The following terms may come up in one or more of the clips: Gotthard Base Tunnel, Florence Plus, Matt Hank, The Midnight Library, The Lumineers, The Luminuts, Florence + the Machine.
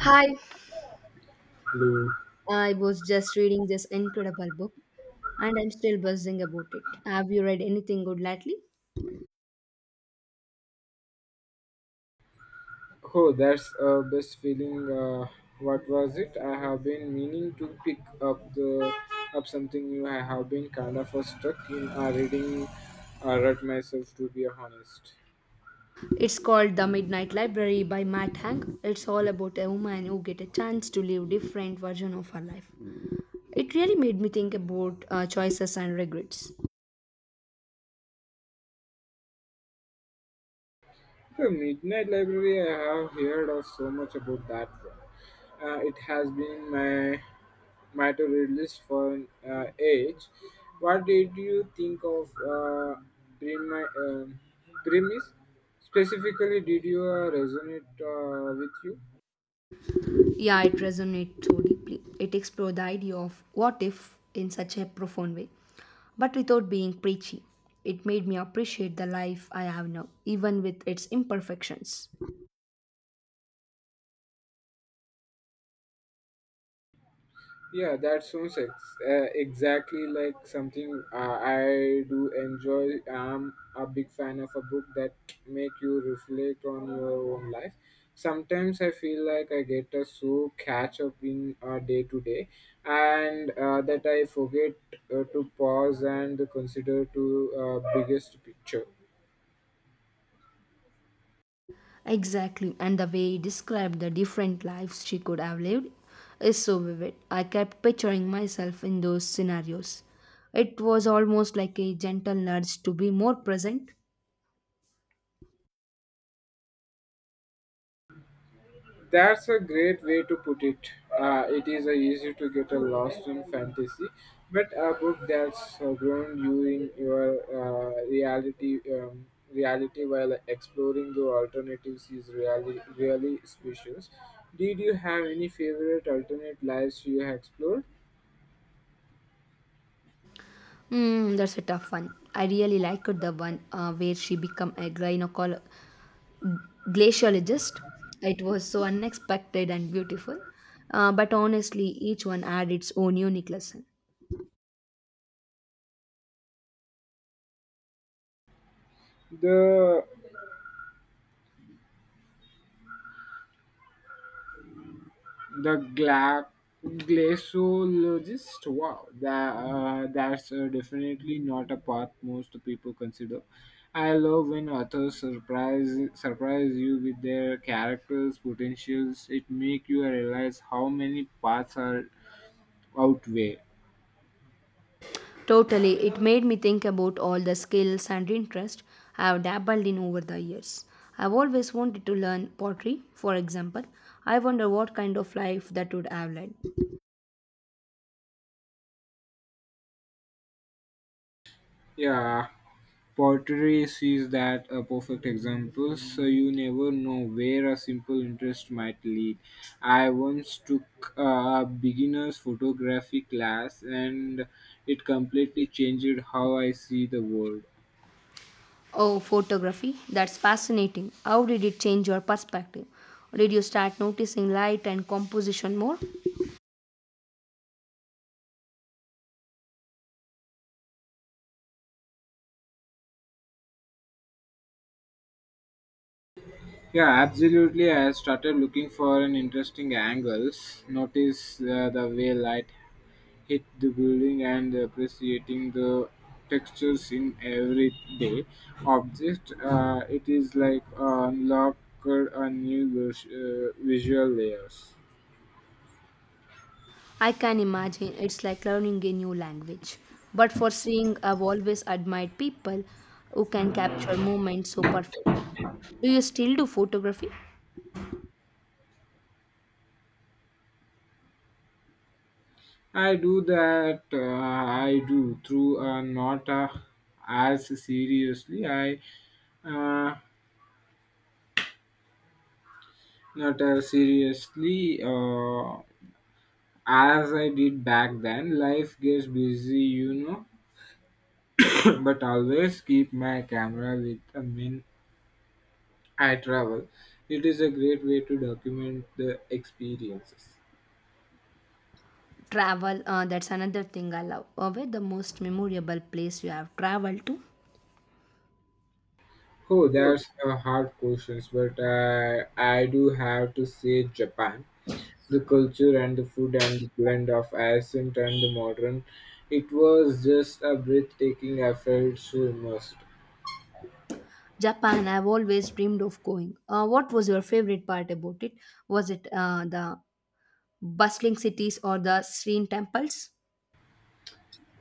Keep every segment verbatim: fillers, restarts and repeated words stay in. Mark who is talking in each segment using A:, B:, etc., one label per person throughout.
A: Hi,
B: Blue.
A: I was just reading this incredible book and I'm still buzzing about it. Have you read anything good lately?
B: Oh, that's a best feeling. Uh, what was it? I have been meaning to pick up the up something new. I have been kind of uh, stuck in uh, reading uh, rut myself, to be honest.
A: It's called The Midnight Library by Matt Hank. It's all about a woman who get a chance to live different version of her life. It really made me think about uh, choices and regrets.
B: The Midnight Library. I have heard of so much about that one. Uh, it has been my matter at least for an uh, age. What did you think of uh, premi- um premise? Specifically, did you uh, resonate uh, with you?
A: Yeah, it resonates so deeply. It explored the idea of what if in such a profound way, but without being preachy. It made me appreciate the life I have now, even with its imperfections.
B: Yeah, that sounds ex- uh, exactly like something uh, I do enjoy. I'm a big fan of a book that make you reflect on your own life. Sometimes I feel like I get a so catch up in uh, day to day, and uh, that I forget uh, to pause and consider to uh, biggest picture.
A: Exactly, and the way he described the different lives she could have lived is so vivid. I kept picturing myself in those scenarios. It was almost like a gentle nudge to be more present.
B: That's a great way to put it. Uh, it is uh, easy to get uh, lost in fantasy, but a book that's uh, grown you in your uh, reality um, reality while exploring your alternatives is really really special. Did you have any favorite alternate lives you have explored?
A: Hmm, that's a tough one. I really liked the one uh, where she became a gynecologist. Glaciologist. It was so unexpected and beautiful. Uh, but honestly, each one had its own unique lesson.
B: The The gla- glaciologist, wow, that, uh, that's uh, definitely not a path most people consider. I love when authors surprise surprise you with their characters' potentials. It make you realize how many paths are out there.
A: Totally, it made me think about all the skills and interests I have dabbled in over the years. I've always wanted to learn pottery, for example. I wonder what kind of life that would have led.
B: Yeah, pottery is that a perfect example, so you never know where a simple interest might lead. I once took a beginner's photography class and it completely changed how I see the world.
A: Oh, photography, that's fascinating. How did it change your perspective? Did you start noticing light and composition more?
B: Yeah, absolutely. I started looking for an interesting angles, notice uh, the way light hit the building and appreciating the textures in everyday object uh, it is like uh, unlocked a new vis- uh, visual layers.
A: I can imagine it's like learning a new language. But for seeing, I've always admired people who can capture moments so perfectly. Do you still do photography?
B: I do that uh, I do through uh, not uh, as seriously I uh, Not as seriously uh, as I did back then. Life gets busy you know But always keep my camera with me I travel. It is a great way to document the experiences.
A: Travel, uh, that's another thing I love. Uh, where the most memorable place you have traveled to?
B: Oh, that's a hard question, but I, I do have to say Japan. The culture and the food and the blend of ancient and the modern. It was just a breathtaking. I felt so immersed.
A: Japan, I've always dreamed of going. Uh, what was your favorite part about it? Was it uh, the bustling cities or the serene temples?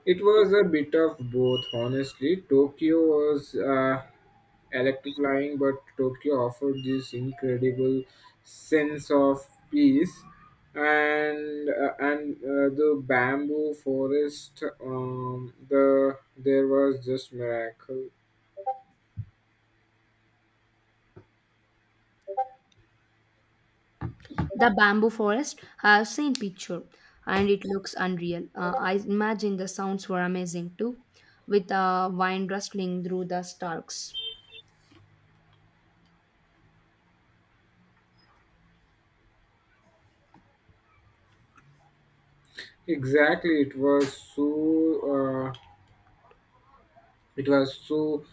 B: It was a bit of both, honestly. Tokyo was uh, electrifying, but Tokyo offered this incredible sense of peace. And uh, and uh, the bamboo forest, um, the there was just miracle.
A: The bamboo forest, I've seen picture and it looks unreal. Uh, I imagine the sounds were amazing too, with the uh, wine rustling through the stalks.
B: Exactly, it was so uh, it was so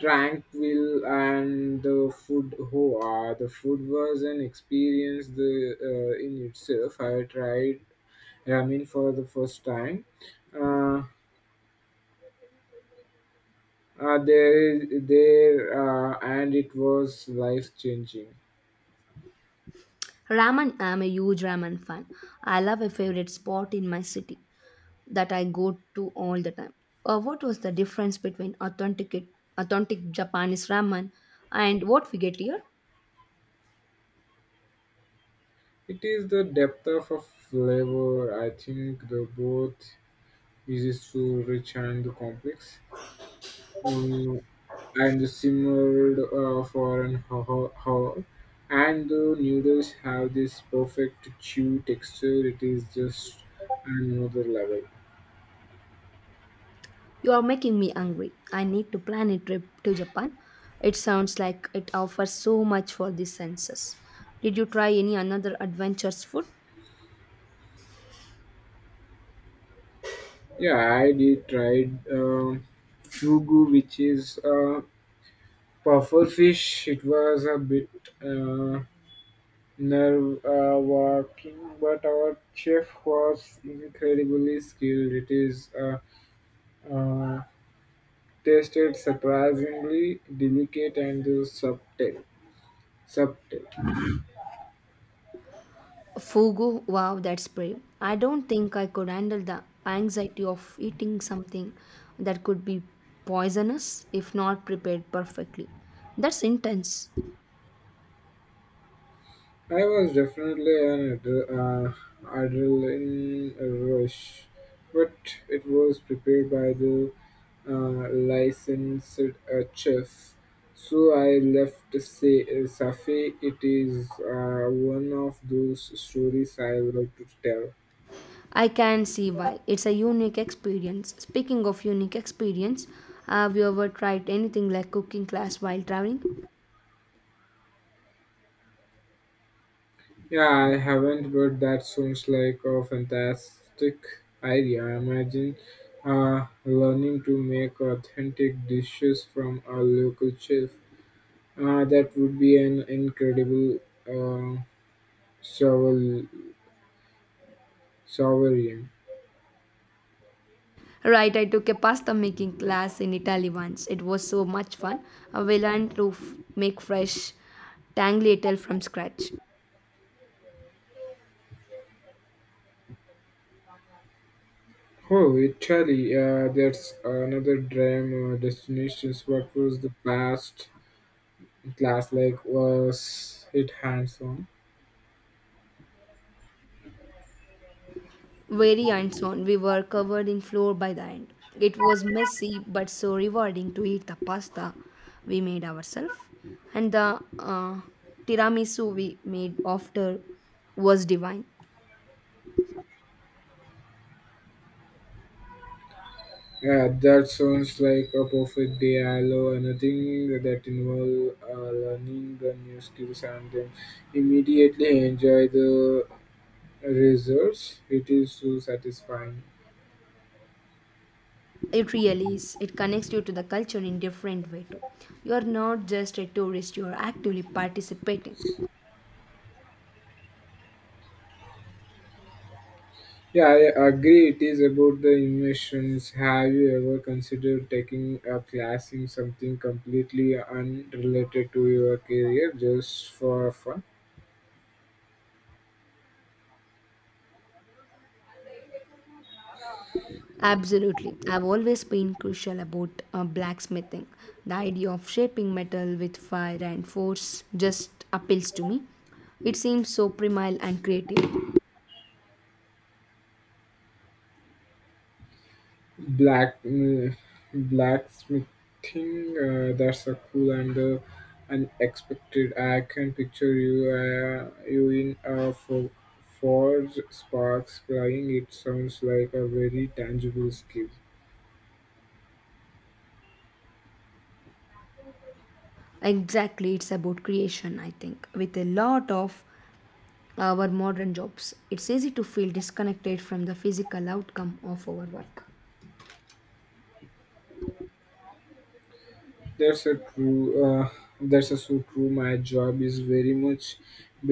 B: tranquil. And the food, oh, ah, the food was an experience the uh, in itself. I tried ramen for the first time. Uh. uh, there is there uh, And it was life changing.
A: Ramen, I'm a huge ramen fan. I love a favorite spot in my city that I go to all the time. Uh, what was the difference between authentic, authentic Japanese ramen and what we get here?
B: It is the depth of a flavor, I think. The both is so rich and complex, um, and simmered uh, for an ho- hour, and the noodles have this perfect chew texture. It is just another level.
A: You are making me hungry. I need to plan a trip to Japan. It sounds like it offers so much for the senses. Did you try any another adventurous food?
B: Yeah, I did tried um, fugu, which is uh, puffer fish. It was a bit uh, nerve uh, wracking, but our chef was incredibly skilled. It is uh, uh, tasted surprisingly delicate and subtle. subtle.
A: Fugu, wow, that's brave. I don't think I could handle the anxiety of eating something that could be poisonous if not prepared perfectly. That's intense.
B: I was definitely an adre- uh, adrenaline rush, but it was prepared by the uh, licensed uh, chef. So I left to say, uh, Safi, it is uh, one of those stories I would like to tell.
A: I can see why. It's a unique experience. Speaking of unique experience, have you ever tried anything like cooking class while traveling?
B: Yeah, I haven't, but that sounds like a fantastic idea. I imagine uh, learning to make authentic dishes from a local chef. Uh, that would be an incredible uh, sovel- sovereign.
A: Right, I took a pasta making class in Italy once. It was so much fun. Uh, We learned to f- make fresh tagliatelle from scratch.
B: Oh, Italy, uh, that's another dream uh, destination. What was the past class like? Was it hands-on?
A: Very hands-on. We were covered in flour by the end. It was messy but so rewarding to eat the pasta we made ourselves. And the uh, tiramisu we made after was divine.
B: Yeah, that sounds like a perfect day. I love anything that involves uh, learning the new skills and then immediately enjoy the results. It is so satisfying.
A: It really is. It connects you to the culture in different way too. You are not just a tourist, you are actively participating.
B: Yeah, I agree. It is about the inventions. Have you ever considered taking a class in something completely unrelated to your career just for fun?
A: Absolutely. I've always been crucial about uh, blacksmithing. The idea of shaping metal with fire and force just appeals to me. It seems so primal and creative.
B: Black, mm, Blacksmithing, uh, that's a cool and uh, unexpected. I can picture you, uh, you in a fo- forge, sparks flying. It sounds like a very tangible skill.
A: Exactly, it's about creation, I think. With a lot of our modern jobs, it's easy to feel disconnected from the physical outcome of our work.
B: That's a true. Uh, that's a so true. My job is very much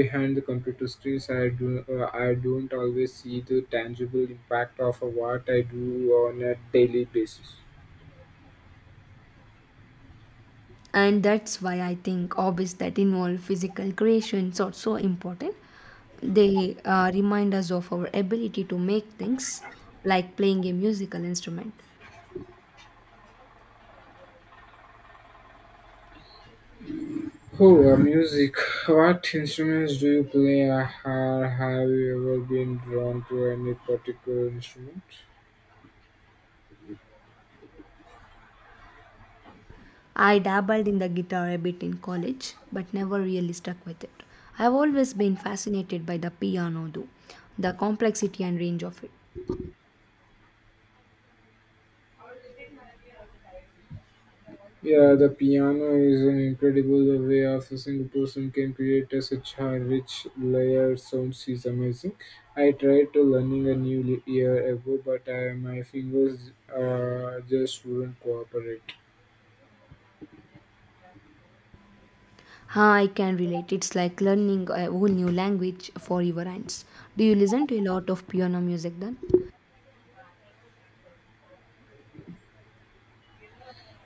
B: behind the computer screens. I do. Uh, I don't always see the tangible impact of what I do on a daily basis.
A: And that's why I think hobbies that involve physical creations are so important. They uh, remind us of our ability to make things, like playing a musical instrument.
B: Oh, uh, Music. What instruments do you play, uh, or have you ever been drawn to any particular instrument?
A: I dabbled in the guitar a bit in college but never really stuck with it. I've always been fascinated by the piano though, the complexity and range of it.
B: Yeah, the piano is an incredible way of a single person can create a such a rich layer sounds is amazing. I tried to learning a new li- year ago, but I, my fingers uh, just wouldn't cooperate.
A: Huh, I can relate. It's like learning a whole new language for your hands. Do you listen to a lot of piano music then?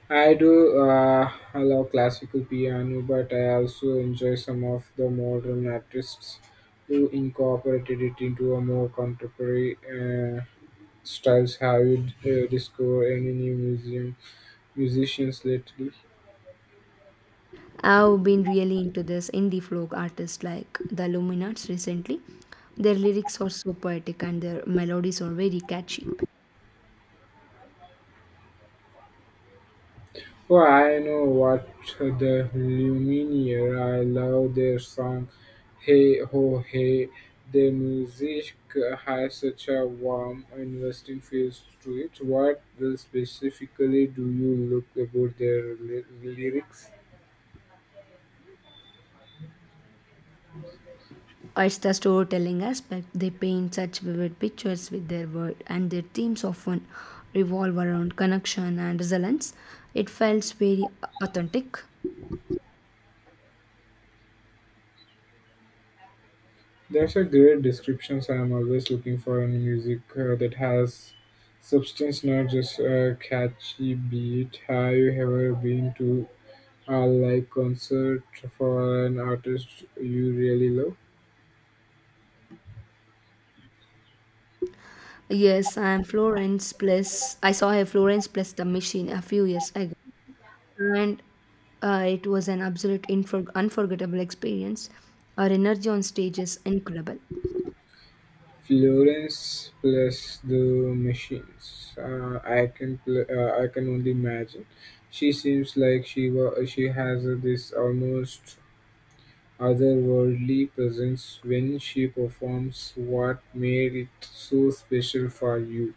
B: I do uh, love classical piano, but I also enjoy some of the modern artists who incorporated it into a more contemporary uh, styles. Have you uh, discovered any new museum musicians lately?
A: I've been really into this indie folk artists like the Luminuts recently. Their lyrics are so poetic and their melodies are very catchy.
B: Oh, I know what, the lumineer, I love their song hey ho hey. Their music has such a warm investing feel to it. What specifically do you look about their ly- lyrics?
A: It's the storytelling aspect. They paint such vivid pictures with their word, and their themes often revolve around connection and resilience. It felt very authentic.
B: That's a great description. So I'm always looking for a music uh, that has substance, not just a catchy beat. Have you ever been to a live concert for an artist you really love?
A: Yes, I am Florence Plus. I saw a Florence Plus the Machine a few years ago. and uh, it was an absolute infor- unforgettable experience. Her energy on stage is incredible.
B: Florence plus the machines. Uh, I can pl- uh, I can only imagine. She seems like she wa- she has uh, this almost otherworldly presence when she performs. What made it so special for you.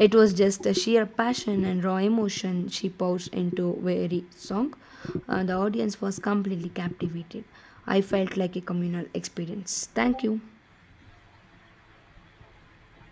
A: It was just the sheer passion and raw emotion she poured into every song. Uh, the audience was completely captivated. I felt like a communal experience. Thank you.